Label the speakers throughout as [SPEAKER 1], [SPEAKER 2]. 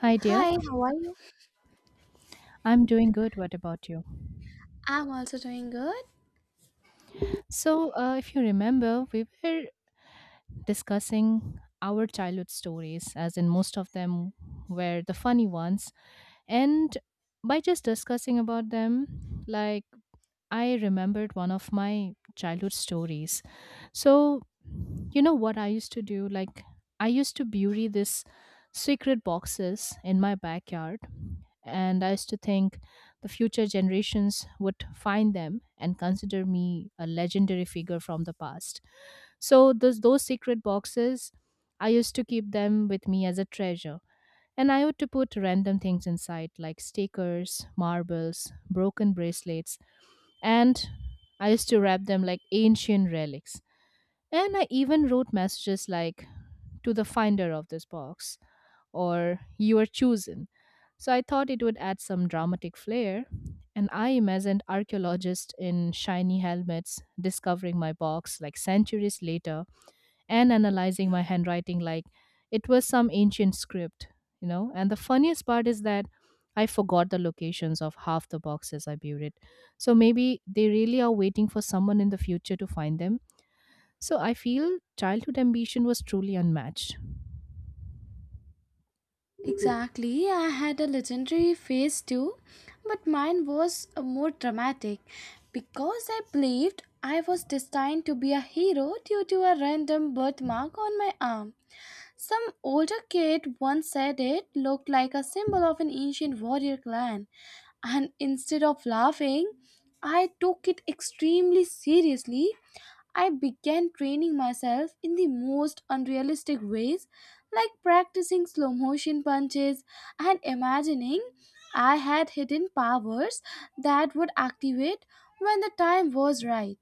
[SPEAKER 1] Hi, dear.
[SPEAKER 2] Hi, how are you?
[SPEAKER 1] I'm doing good. What about you?
[SPEAKER 2] I'm also doing good.
[SPEAKER 1] So, if you remember, we were discussing our childhood stories, as in most of them were the funny ones. And by just discussing about them, like, I remembered one of my childhood stories. So, you know what I used to do? Like, I used to bury this secret boxes in my backyard, and I used to think the future generations would find them and consider me a legendary figure from the past. So, those secret boxes, I used to keep them with me as a treasure. And I used to put random things inside, like stickers, marbles, broken bracelets, and I used to wrap them like ancient relics. And I even wrote messages like, to the finder of this box, or you are chosen. So I thought it would add some dramatic flair. And I imagined archaeologists in shiny helmets discovering my box like centuries later and analyzing my handwriting like it was some ancient script, you know. And the funniest part is that I forgot the locations of half the boxes I buried. So maybe they really are waiting for someone in the future to find them. So I feel childhood ambition was truly unmatched.
[SPEAKER 2] Exactly. I had a legendary phase too, but mine was more dramatic because I believed I was destined to be a hero due to a random birthmark on my arm. Some older kid once said it looked like a symbol of an ancient warrior clan, and instead of laughing, I took it extremely seriously. I began training myself in the most unrealistic ways, like practicing slow motion punches and imagining I had hidden powers that would activate when the time was right.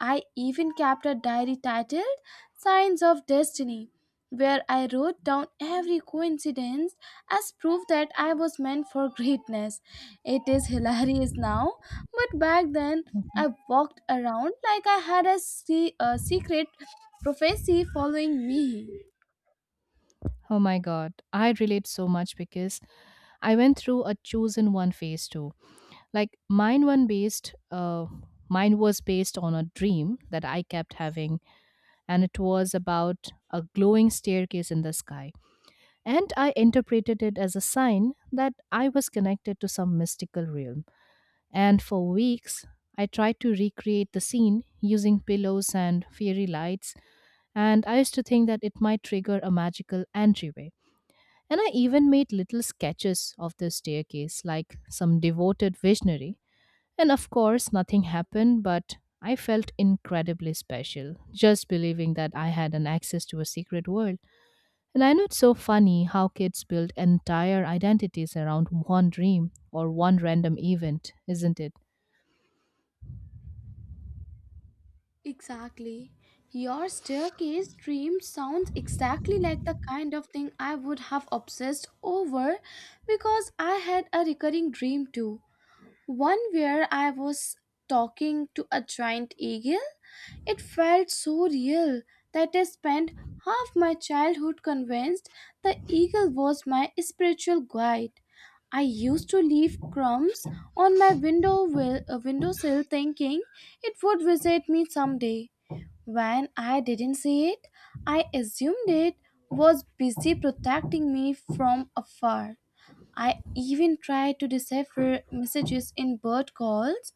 [SPEAKER 2] I even kept a diary titled Signs of Destiny, where I wrote down every coincidence as proof that I was meant for greatness. It is hilarious now, but back then
[SPEAKER 1] Mhm.
[SPEAKER 2] I walked around like I had a secret prophecy following me.
[SPEAKER 1] Oh my god, I relate so much because I went through a chosen one phase too. Like, mine was based on a dream that I kept having, and it was about a glowing staircase in the sky. And I interpreted it as a sign that I was connected to some mystical realm. And for weeks, I tried to recreate the scene using pillows and fairy lights, and I used to think that it might trigger a magical entryway. And I even made little sketches of the staircase, like some devoted visionary, and of course, nothing happened, but I felt incredibly special just believing that I had an access to a secret world. And I know it's so funny how kids build entire identities around one dream or one random event, isn't it?
[SPEAKER 2] Exactly. Your staircase dream sounds exactly like the kind of thing I would have obsessed over because I had a recurring dream too. One where I was talking to a giant eagle. It felt so real that I spent half my childhood convinced the eagle was my spiritual guide. I used to leave crumbs on my windowsill thinking it would visit me someday. When I didn't see it, I assumed it was busy protecting me from afar. I even tried to decipher messages in bird calls,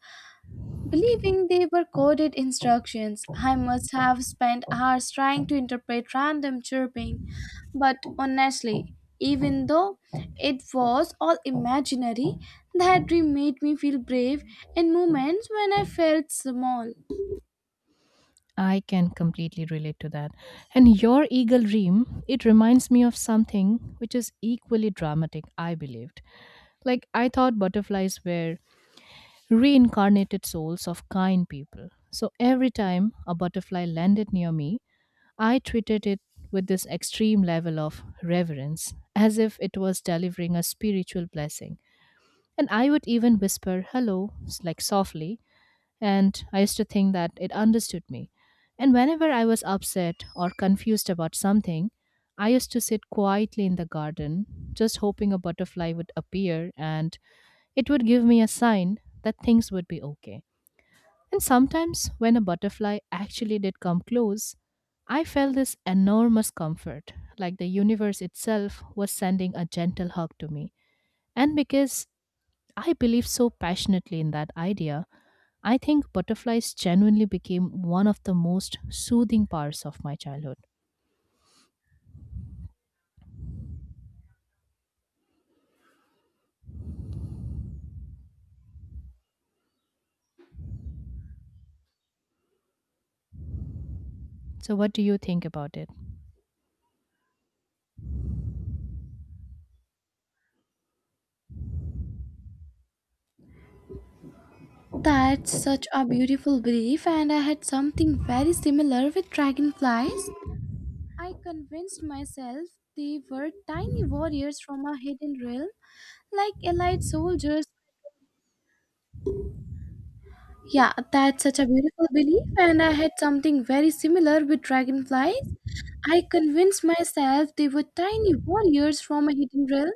[SPEAKER 2] believing they were coded instructions. I must have spent hours trying to interpret random chirping. But honestly, even though it was all imaginary, that dream made me feel brave in moments when I felt small.
[SPEAKER 1] I can completely relate to that. And your eagle dream, it reminds me of something which is equally dramatic, I believed. Like, I thought butterflies were reincarnated souls of kind people. So every time a butterfly landed near me, I treated it with this extreme level of reverence, as if it was delivering a spiritual blessing. And I would even whisper hello, like, softly, and I used to think that it understood me. And whenever I was upset or confused about something, I used to sit quietly in the garden, just hoping a butterfly would appear and it would give me a sign that things would be okay. And sometimes, when a butterfly actually did come close, I felt this enormous comfort, like the universe itself was sending a gentle hug to me. And because I believe so passionately in that idea, I think butterflies genuinely became one of the most soothing parts of my childhood. So, what do you think about it?
[SPEAKER 2] That's such a beautiful belief, and I had something very similar with dragonflies. I convinced myself they were tiny warriors from a hidden realm, like allied soldiers. Yeah, that's such a beautiful belief, and I had something very similar with dragonflies. I convinced myself they were tiny warriors from a hidden realm,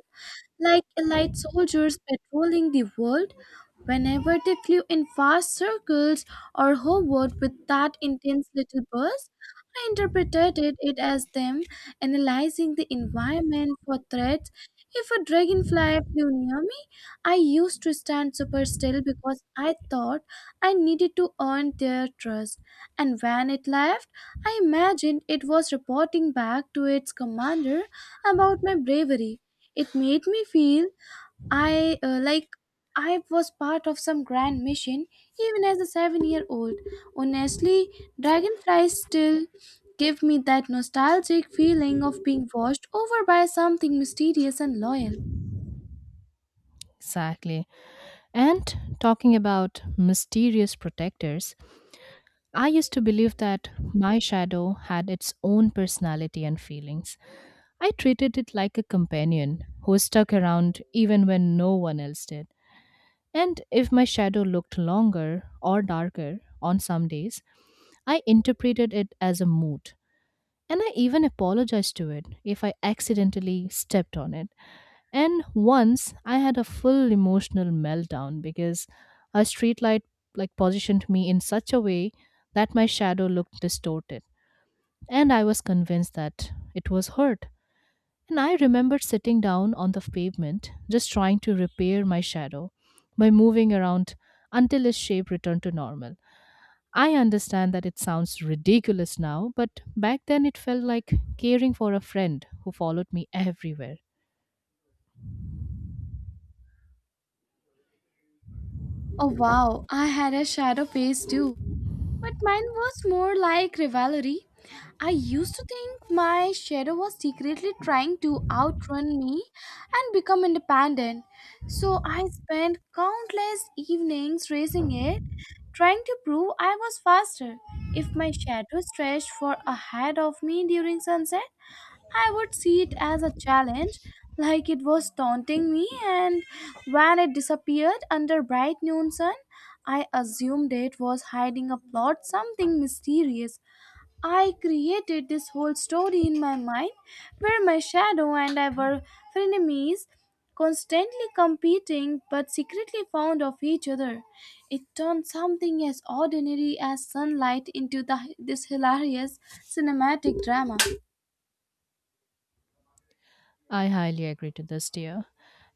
[SPEAKER 2] like elite soldiers patrolling the world. Whenever they flew in fast circles or hovered with that intense little buzz, I interpreted it as them analyzing the environment for threats. If a dragonfly flew near me, I used to stand super still because I thought I needed to earn their trust. And when it left, I imagined it was reporting back to its commander about my bravery. It made me feel I like I was part of some grand mission even as a 7-year-old. Honestly, dragonflies still give me that nostalgic feeling of being washed over by something mysterious and loyal.
[SPEAKER 1] Exactly. And talking about mysterious protectors, I used to believe that my shadow had its own personality and feelings. I treated it like a companion who stuck around even when no one else did. And if my shadow looked longer or darker on some days, I interpreted it as a mood. And I even apologized to it if I accidentally stepped on it. And once I had a full emotional meltdown because a streetlight like positioned me in such a way that my shadow looked distorted. And I was convinced that it was hurt. And I remembered sitting down on the pavement, just trying to repair my shadow by moving around until its shape returned to normal. I understand that it sounds ridiculous now, but back then it felt like caring for a friend who followed me everywhere.
[SPEAKER 2] Oh wow, I had a shadow phase too. But mine was more like rivalry. I used to think my shadow was secretly trying to outrun me and become independent. So I spent countless evenings racing it, trying to prove I was faster. If my shadow stretched for ahead of me during sunset, I would see it as a challenge, like it was taunting me, and when it disappeared under bright noon sun, I assumed it was hiding a plot, something mysterious. I created this whole story in my mind where my shadow and I were frenemies, constantly competing but secretly fond of each other. It turned something as ordinary as sunlight into this hilarious cinematic drama.
[SPEAKER 1] I highly agree to this, dear.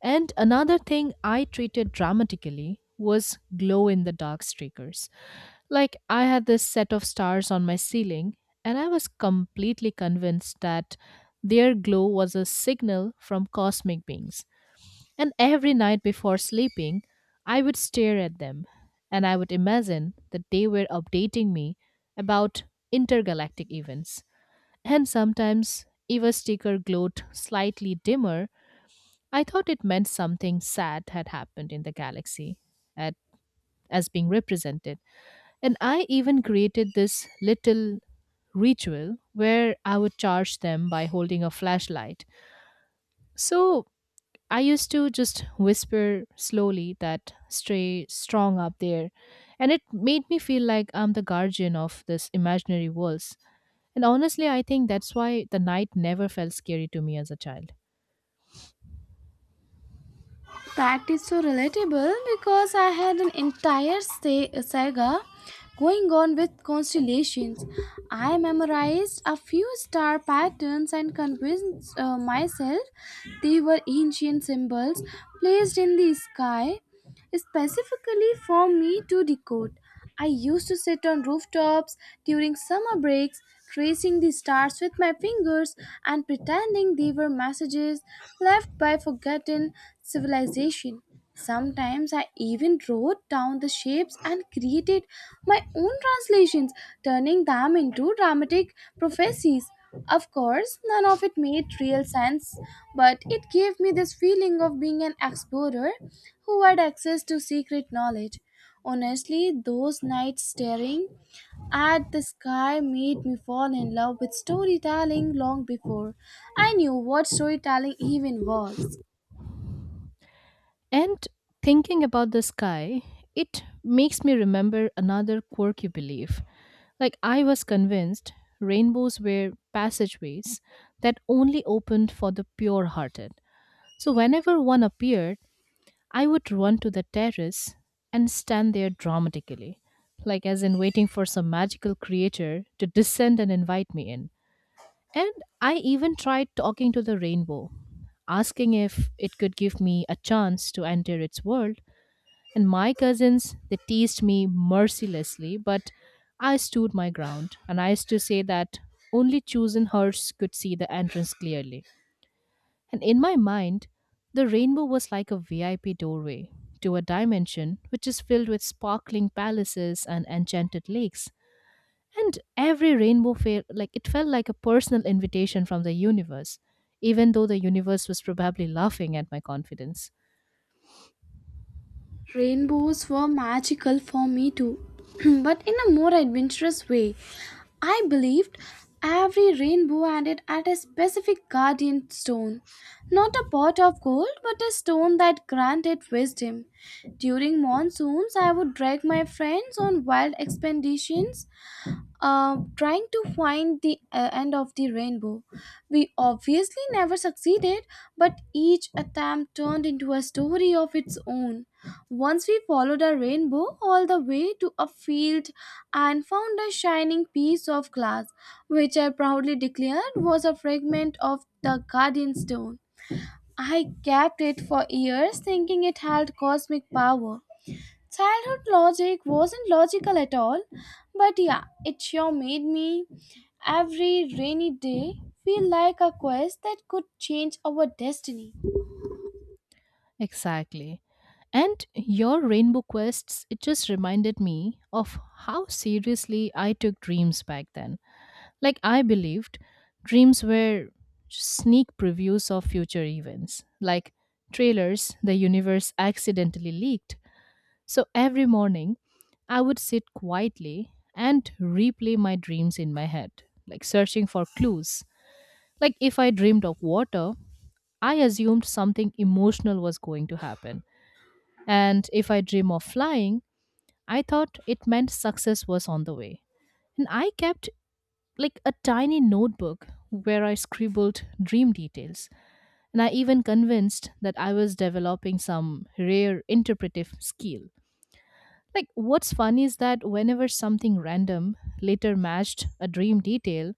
[SPEAKER 1] And another thing I treated dramatically was glow in the dark streakers. Like, I had this set of stars on my ceiling, and I was completely convinced that their glow was a signal from cosmic beings. And every night before sleeping, I would stare at them, and I would imagine that they were updating me about intergalactic events. And sometimes, if a sticker glowed slightly dimmer, I thought it meant something sad had happened in the galaxy at, as being represented, and I even created this little ritual where I would charge them by holding a flashlight. So I used to just whisper slowly that stay strong up there. And it made me feel like I'm the guardian of this imaginary worlds. And honestly, I think that's why the night never felt scary to me as a child.
[SPEAKER 2] That is so relatable because I had an entire saga going on with constellations. I memorized a few star patterns and convinced myself they were ancient symbols placed in the sky specifically for me to decode. I used to sit on rooftops during summer breaks, tracing the stars with my fingers and pretending they were messages left by forgotten civilization. Sometimes I even wrote down the shapes and created my own translations, turning them into dramatic prophecies. Of course, none of it made real sense, but it gave me this feeling of being an explorer who had access to secret knowledge. Honestly, those nights staring at the sky made me fall in love with storytelling long before I knew what storytelling even was.
[SPEAKER 1] And thinking about the sky, it makes me remember another quirky belief. Like, I was convinced rainbows were passageways that only opened for the pure hearted. So, whenever one appeared, I would run to the terrace and stand there dramatically, like as in waiting for some magical creature to descend and invite me in. And I even tried talking to the rainbow, asking if it could give me a chance to enter its world, and my cousins, they teased me mercilessly, but I stood my ground. And I used to say that only chosen hearts could see the entrance clearly. And in my mind, the rainbow was like a VIP doorway to a dimension which is filled with sparkling palaces and enchanted lakes. And every rainbow felt like, it felt like a personal invitation from the universe, even though the universe was probably laughing at my confidence.
[SPEAKER 2] Rainbows were magical for me too, but in a more adventurous way. I believed every rainbow ended at a specific guardian stone. Not a pot of gold, but a stone that granted wisdom. During monsoons, I would drag my friends on wild expeditions trying to find the end of the rainbow. We obviously never succeeded, but each attempt turned into a story of its own. Once we followed a rainbow all the way to a field and found a shining piece of glass, which I proudly declared was a fragment of the guardian stone. I kept it for years thinking it held cosmic power. Childhood logic wasn't logical at all, but yeah, it sure made me every rainy day feel like a quest that could change our destiny.
[SPEAKER 1] Exactly. And your rainbow quests, it just reminded me of how seriously I took dreams back then. Like, I believed dreams were sneak previews of future events, like trailers the universe accidentally leaked. So, every morning, I would sit quietly and replay my dreams in my head, like searching for clues. Like, if I dreamed of water, I assumed something emotional was going to happen, and if I dream of flying, I thought it meant success was on the way. And I kept like a tiny notebook where I scribbled dream details. And I even convinced that I was developing some rare interpretive skill. Like, what's funny is that whenever something random later matched a dream detail,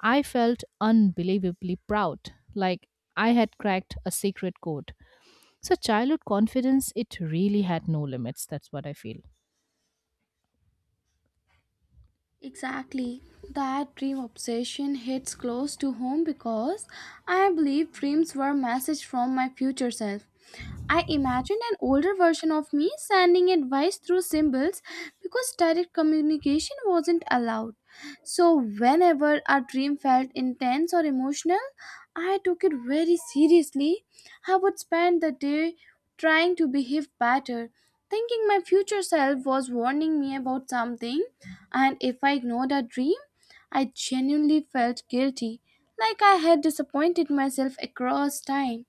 [SPEAKER 1] I felt unbelievably proud, like I had cracked a secret code. So, childhood confidence, it really had no limits. That's what I feel.
[SPEAKER 2] Exactly. That dream obsession hits close to home because I believe dreams were a message from my future self. I imagined an older version of me sending advice through symbols because direct communication wasn't allowed. So, whenever a dream felt intense or emotional, I took it very seriously. I would spend the day trying to behave better, thinking my future self was warning me about something and if I ignored our dream, I genuinely felt guilty, like I had disappointed myself across time.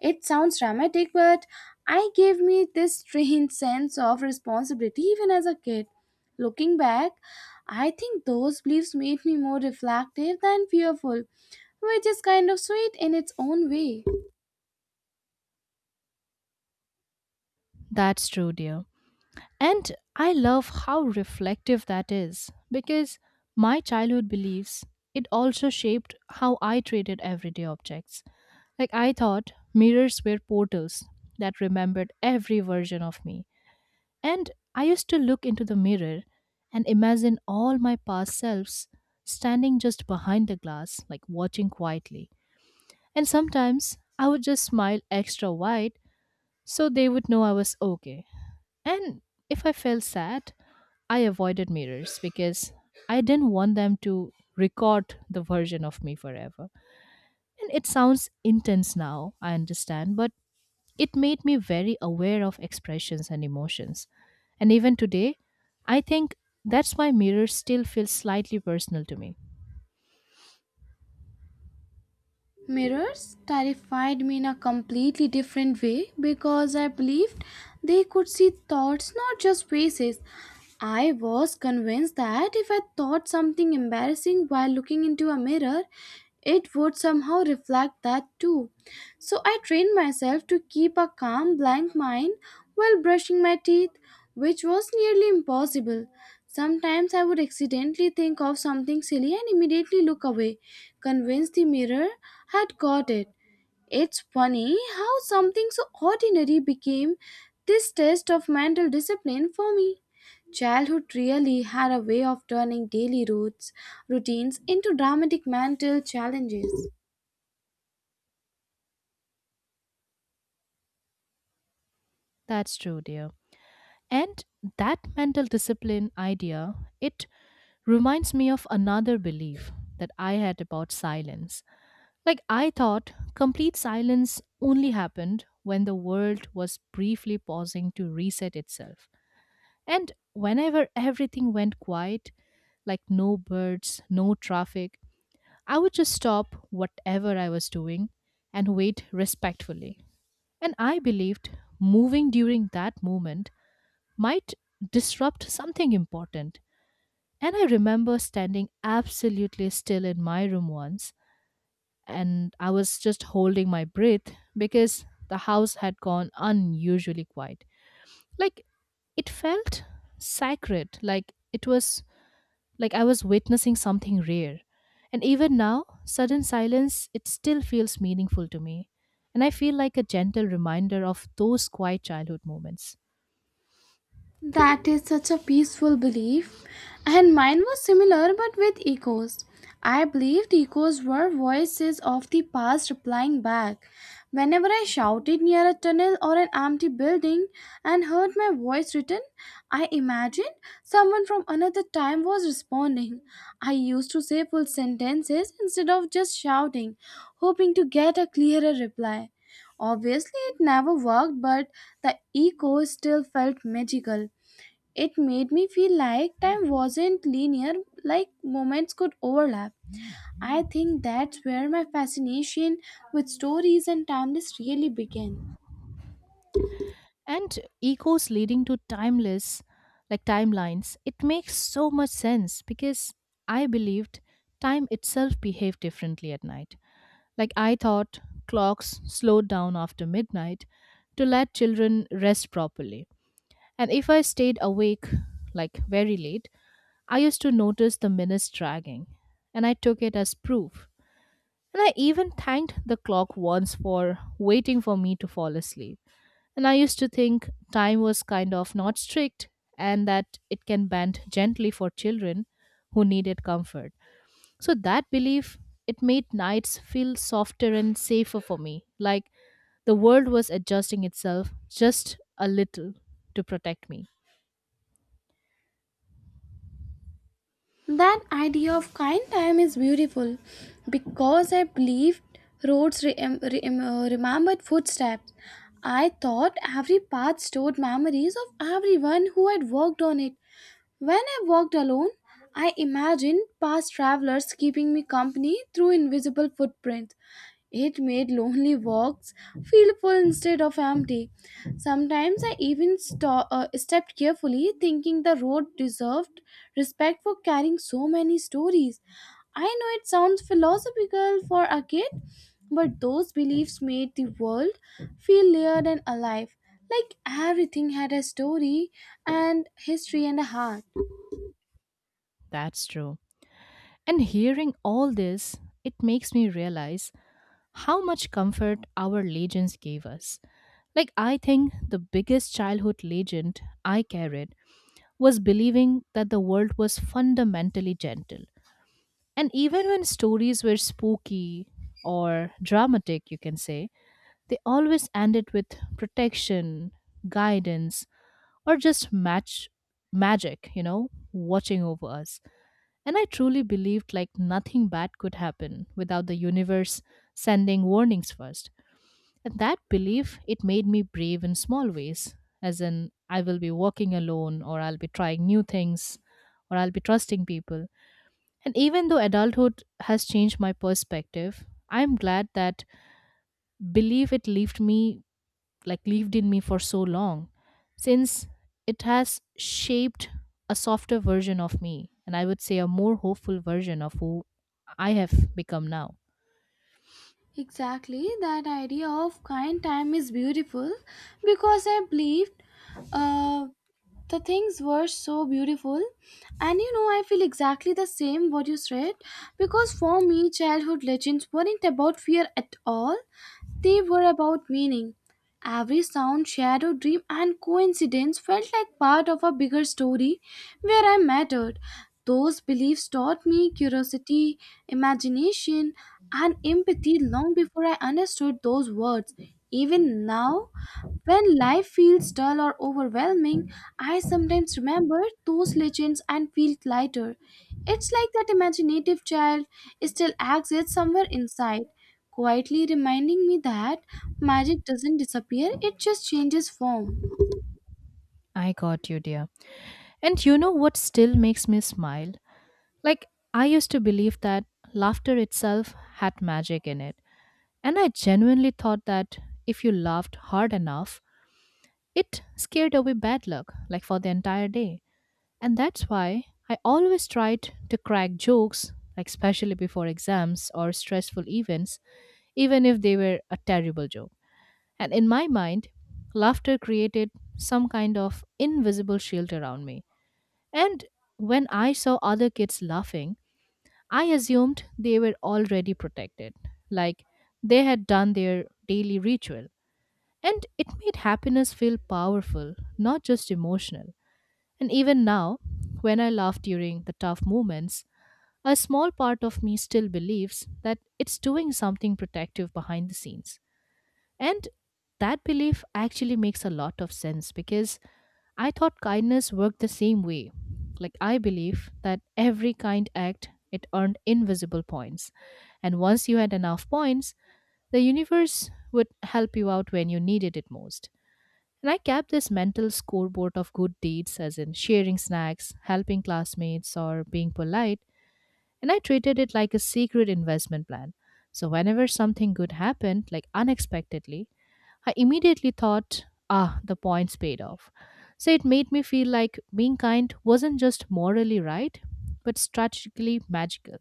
[SPEAKER 2] It sounds dramatic, but I gave me this strange sense of responsibility even as a kid. Looking back, I think those beliefs made me more reflective than fearful, which is kind of sweet in its own way.
[SPEAKER 1] That's true, dear. And I love how reflective that is because my childhood beliefs, it also shaped how I treated everyday objects. Like, I thought mirrors were portals that remembered every version of me. And I used to look into the mirror and imagine all my past selves standing just behind the glass, like watching quietly. And sometimes I would just smile extra wide so they would know I was okay. And if I felt sad, I avoided mirrors because I didn't want them to record the version of me forever. And it sounds intense now, I understand, but it made me very aware of expressions and emotions. And even today, I think that's why mirrors still feel slightly personal to me.
[SPEAKER 2] Mirrors terrified me in a completely different way because I believed they could see thoughts, not just faces. I was convinced that if I thought something embarrassing while looking into a mirror, it would somehow reflect that too. So I trained myself to keep a calm, blank mind while brushing my teeth, which was nearly impossible. Sometimes I would accidentally think of something silly and immediately look away, convinced the mirror had caught it. It's funny how something so ordinary became this test of mental discipline for me. Childhood really had a way of turning daily routines into dramatic mental challenges.
[SPEAKER 1] That's true, dear. And that mental discipline idea, it reminds me of another belief that I had about silence. Like, I thought complete silence only happened when the world was briefly pausing to reset itself. And whenever everything went quiet, like no birds, no traffic, I would just stop whatever I was doing and wait respectfully. And I believed moving during that moment might disrupt something important. And I remember standing absolutely still in my room once, and I was just holding my breath because the house had gone unusually quiet. Like, it felt sacred, like it was, like I was witnessing something rare. And even now, sudden silence, it still feels meaningful to me. And I feel like a gentle reminder of those quiet childhood moments.
[SPEAKER 2] That is such a peaceful belief. And mine was similar but with echoes. I believed echoes were voices of the past replying back. Whenever I shouted near a tunnel or an empty building and heard my voice written, I imagined someone from another time was responding. I used to say full sentences instead of just shouting, hoping to get a clearer reply. Obviously, it never worked, but the echo still felt magical. It made me feel like time wasn't linear, like moments could overlap. I think that's where my fascination with stories and timeless really began.
[SPEAKER 1] And echoes leading to timeless, like timelines, it makes so much sense because I believed time itself behaved differently at night. Like, I thought clocks slowed down after midnight to let children rest properly. And if I stayed awake like very late, I used to notice the minutes dragging, and I took it as proof. And I even thanked the clock once for waiting for me to fall asleep. And I used to think time was kind of not strict, and that it can bend gently for children who needed comfort. So that belief, it made nights feel softer and safer for me, like the world was adjusting itself just a little to protect me.
[SPEAKER 2] That idea of kind time is beautiful because I believed roads re- em- remembered footsteps. I thought every path stored memories of everyone who had walked on it. When I walked alone, I imagined past travelers keeping me company through invisible footprints. It made lonely walks feel full instead of empty. Sometimes I even stepped carefully, thinking the road deserved respect for carrying so many stories. I know it sounds philosophical for a kid, but those beliefs made the world feel layered and alive, like everything had a story and history and a heart.
[SPEAKER 1] That's true. And hearing all this, it makes me realize how much comfort our legends gave us. Like, I think the biggest childhood legend I carried was believing that the world was fundamentally gentle. And even when stories were spooky or dramatic, you can say, they always end it with protection, guidance, or just match magic, watching over us. And I truly believed like nothing bad could happen without the universe sending warnings first. And that belief, it made me brave in small ways, as in I will be walking alone or I'll be trying new things or I'll be trusting people. And even though adulthood has changed my perspective, I'm glad that belief it left me, like, lived in me for so long, since it has shaped a softer version of me, and I would say a more hopeful version of who I have become now.
[SPEAKER 2] Exactly, that idea of kind time is beautiful because I believed. Uh, the things were so beautiful, and you know, I feel exactly the same what you said, because for me childhood legends weren't about fear at all. They were about meaning. Every sound, shadow, dream and coincidence felt like part of a bigger story where I mattered. Those beliefs taught me curiosity, imagination and empathy long before I understood those words. Even now, when life feels dull or overwhelming, I sometimes remember those legends and feel lighter. It's like that imaginative child still exists somewhere inside, quietly reminding me that magic doesn't disappear, it just changes form.
[SPEAKER 1] I got you, dear. And you know what still makes me smile, like, I used to believe that laughter itself had magic in it, and I genuinely thought that if you laughed hard enough, it scared away bad luck, like for the entire day. And that's why I always tried to crack jokes, like especially before exams or stressful events, even if they were a terrible joke. And in my mind, laughter created some kind of invisible shield around me. And when I saw other kids laughing, I assumed they were already protected, like they had done their daily ritual. And it made happiness feel powerful, not just emotional. And even now, when I laugh during the tough moments, a small part of me still believes that it's doing something protective behind the scenes. And that belief actually makes a lot of sense because I thought kindness worked the same way. Like, I believe that every kind act it earned invisible points. And once you had enough points, the universe would help you out when you needed it most. And I kept this mental scoreboard of good deeds, as in sharing snacks, helping classmates, or being polite, and I treated it like a secret investment plan. So whenever something good happened, like unexpectedly, I immediately thought, ah, the points paid off. So it made me feel like being kind wasn't just morally right, but strategically magical.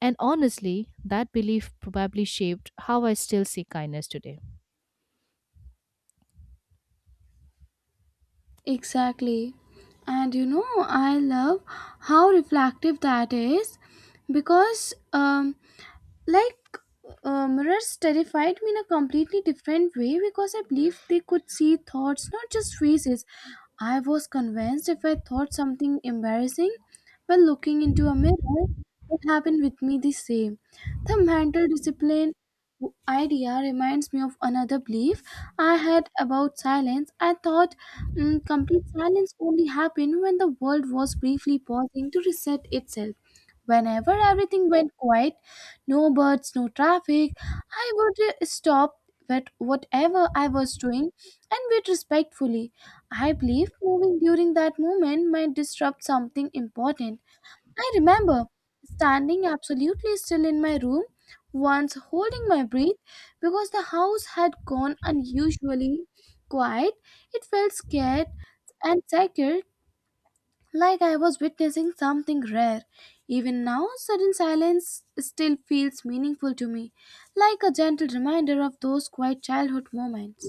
[SPEAKER 1] And honestly, that belief probably shaped how I still see kindness today.
[SPEAKER 2] Exactly. And you know, I love how reflective that is because like mirrors terrified me in a completely different way, because I believed they could see thoughts, not just faces. I was convinced if I thought something embarrassing while looking into a mirror, it happened with me the same. The mental discipline idea reminds me of another belief I had about silence. I thought complete silence only happened when the world was briefly pausing to reset itself. Whenever everything went quiet, no birds, no traffic, I would stop at whatever I was doing and wait respectfully. I believe moving during that moment might disrupt something important. I remember standing absolutely still in my room, once holding my breath because the house had gone unusually quiet. It felt scared and secure, like I was witnessing something rare. Even now, sudden silence still feels meaningful to me, like a gentle reminder of those quiet childhood moments.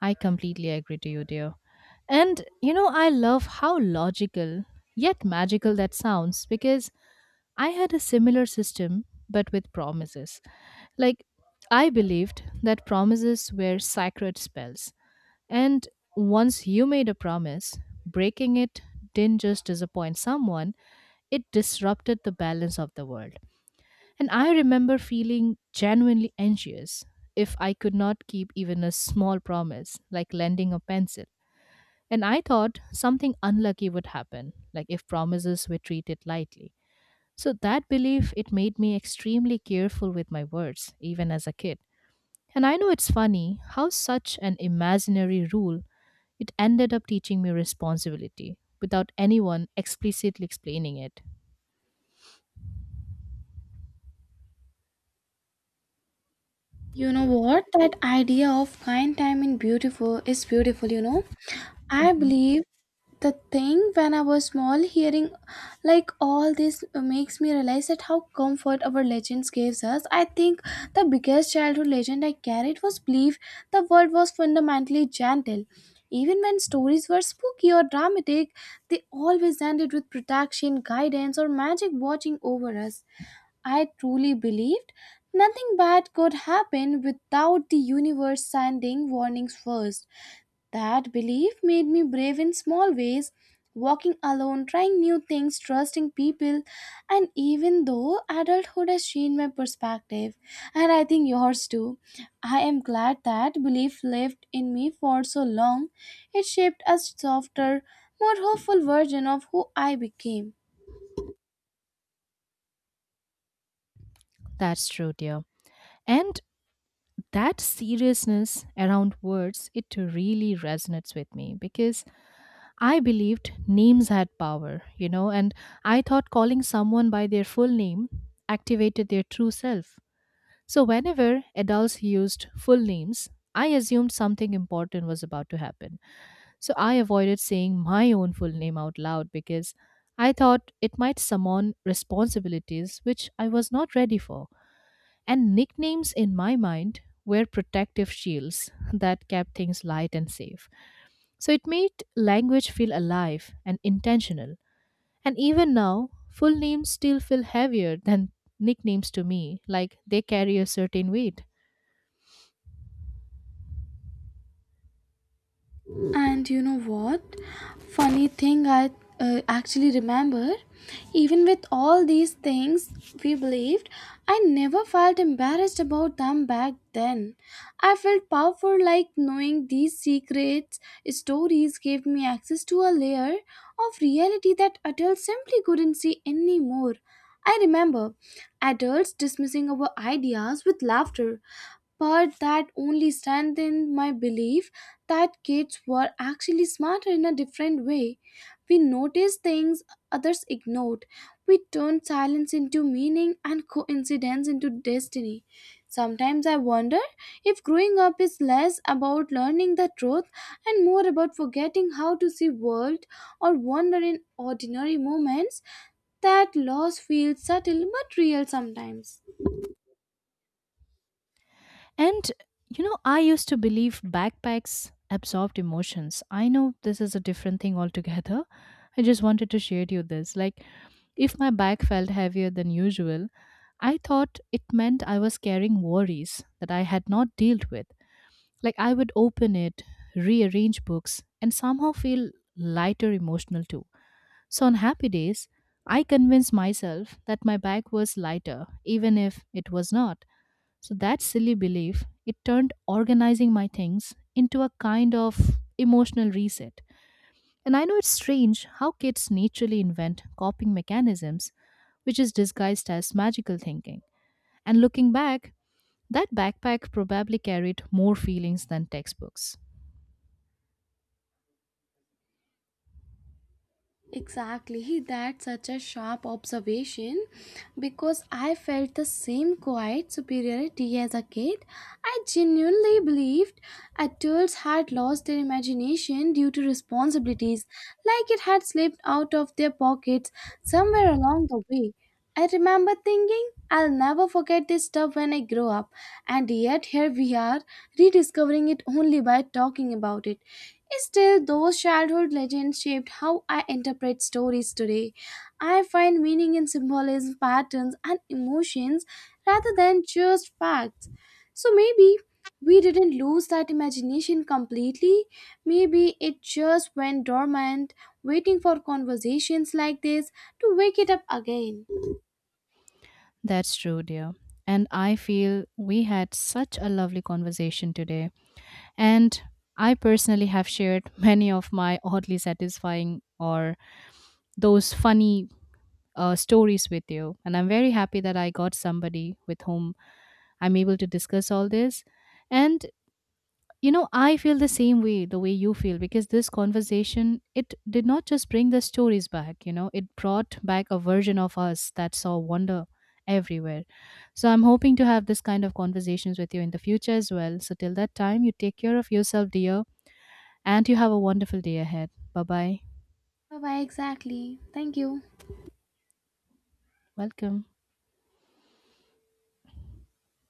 [SPEAKER 1] I completely agree to you, dear. And you know, I love how logical yet magical that sounds, because I had a similar system but with promises. Like, I believed that promises were sacred spells. And once you made a promise, breaking it didn't just disappoint someone, it disrupted the balance of the world. And I remember feeling genuinely anxious if I could not keep even a small promise, like lending a pencil, and I thought something unlucky would happen, like if promises were treated lightly. So that belief it made me extremely careful with my words, even as a kid. And I know it's funny how such an imaginary rule it ended up teaching me responsibility without anyone explicitly explaining it.
[SPEAKER 2] You know what? That idea of kind time in beautiful is beautiful, you know. I
[SPEAKER 1] Mhm.
[SPEAKER 2] believe the thing when I was small, hearing like all this makes me realize that how comfort our legends gives us. I think the biggest childhood legend I carried was belief the world was fundamentally gentle. Even when stories were spooky or dramatic, they always ended with protection, guidance, or magic watching over us. I truly believed nothing bad could happen without the universe sending warnings first. That belief made me brave in small ways, walking alone, trying new things, trusting people, and even though adulthood has changed my perspective, and I think yours too, I am glad that belief lived in me for so long. It shaped a softer, more hopeful version of who I became.
[SPEAKER 1] That's true, dear. And that seriousness around words, it really resonates with me because I believed names had power, you know, and I thought calling someone by their full name activated their true self. So, whenever adults used full names, I assumed something important was about to happen. So, I avoided saying my own full name out loud because I thought it might summon responsibilities which I was not ready for. And nicknames in my mind were protective shields that kept things light and safe. So it made language feel alive and intentional. And even now, full names still feel heavier than nicknames to me, like they carry a certain weight.
[SPEAKER 2] And you know what? Funny thing, I actually remember, even with all these things we believed, I never felt embarrassed about them back then. I felt powerful, like knowing these secrets, stories gave me access to a layer of reality that adults simply couldn't see anymore. I remember adults dismissing our ideas with laughter, but that only strengthened my belief that kids were actually smarter in a different way. We noticed things others ignored. We turned silence into meaning and coincidence into destiny. Sometimes I wonder if growing up is less about learning the truth and more about forgetting how to see world or wonder in ordinary moments. That loss feels subtle but real sometimes.
[SPEAKER 1] And you know, I used to believe backpacks absorbed emotions. I know this is a different thing altogether. I just wanted to share you this. Like, if my bag felt heavier than usual, I thought it meant I was carrying worries that I had not dealt with. Like, I would open it, rearrange books, and somehow feel lighter emotional too. So on happy days, I convinced myself that my bag was lighter, even if it was not. So that silly belief, it turned organizing my things into a kind of emotional reset. And I know it's strange how kids naturally invent coping mechanisms, which is disguised as magical thinking. And looking back, that backpack probably carried more feelings than textbooks.
[SPEAKER 2] Exactly. Hey, that's such a sharp observation because I felt the same quiet superiority as a kid. I genuinely believed adults had lost their imagination due to responsibilities, like it had slipped out of their pockets somewhere along the way. I remember thinking, I'll never forget this stuff when I grow up, and yet here we are, rediscovering it only by talking about it. Still, those childhood legends shaped how I interpret stories today. I find meaning in symbolism, patterns, and emotions rather than just facts. So maybe we didn't lose that imagination completely. Maybe it just went dormant, waiting for conversations like this to wake it up again.
[SPEAKER 1] That's true, dear. And I feel we had such a lovely conversation today. And I personally have shared many of my oddly satisfying or those funny stories with you. And I'm very happy that I got somebody with whom I'm able to discuss all this. And you know, I feel the same way the way you feel, because this conversation it did not just bring the stories back, you know it brought back a version of us that saw wonder everywhere. So I'm hoping to have this kind of conversations with you in the future as well. So till that time, you take care of yourself, dear, and you have a wonderful day ahead. Bye bye.
[SPEAKER 2] Bye bye, exactly. Thank you.
[SPEAKER 1] Welcome.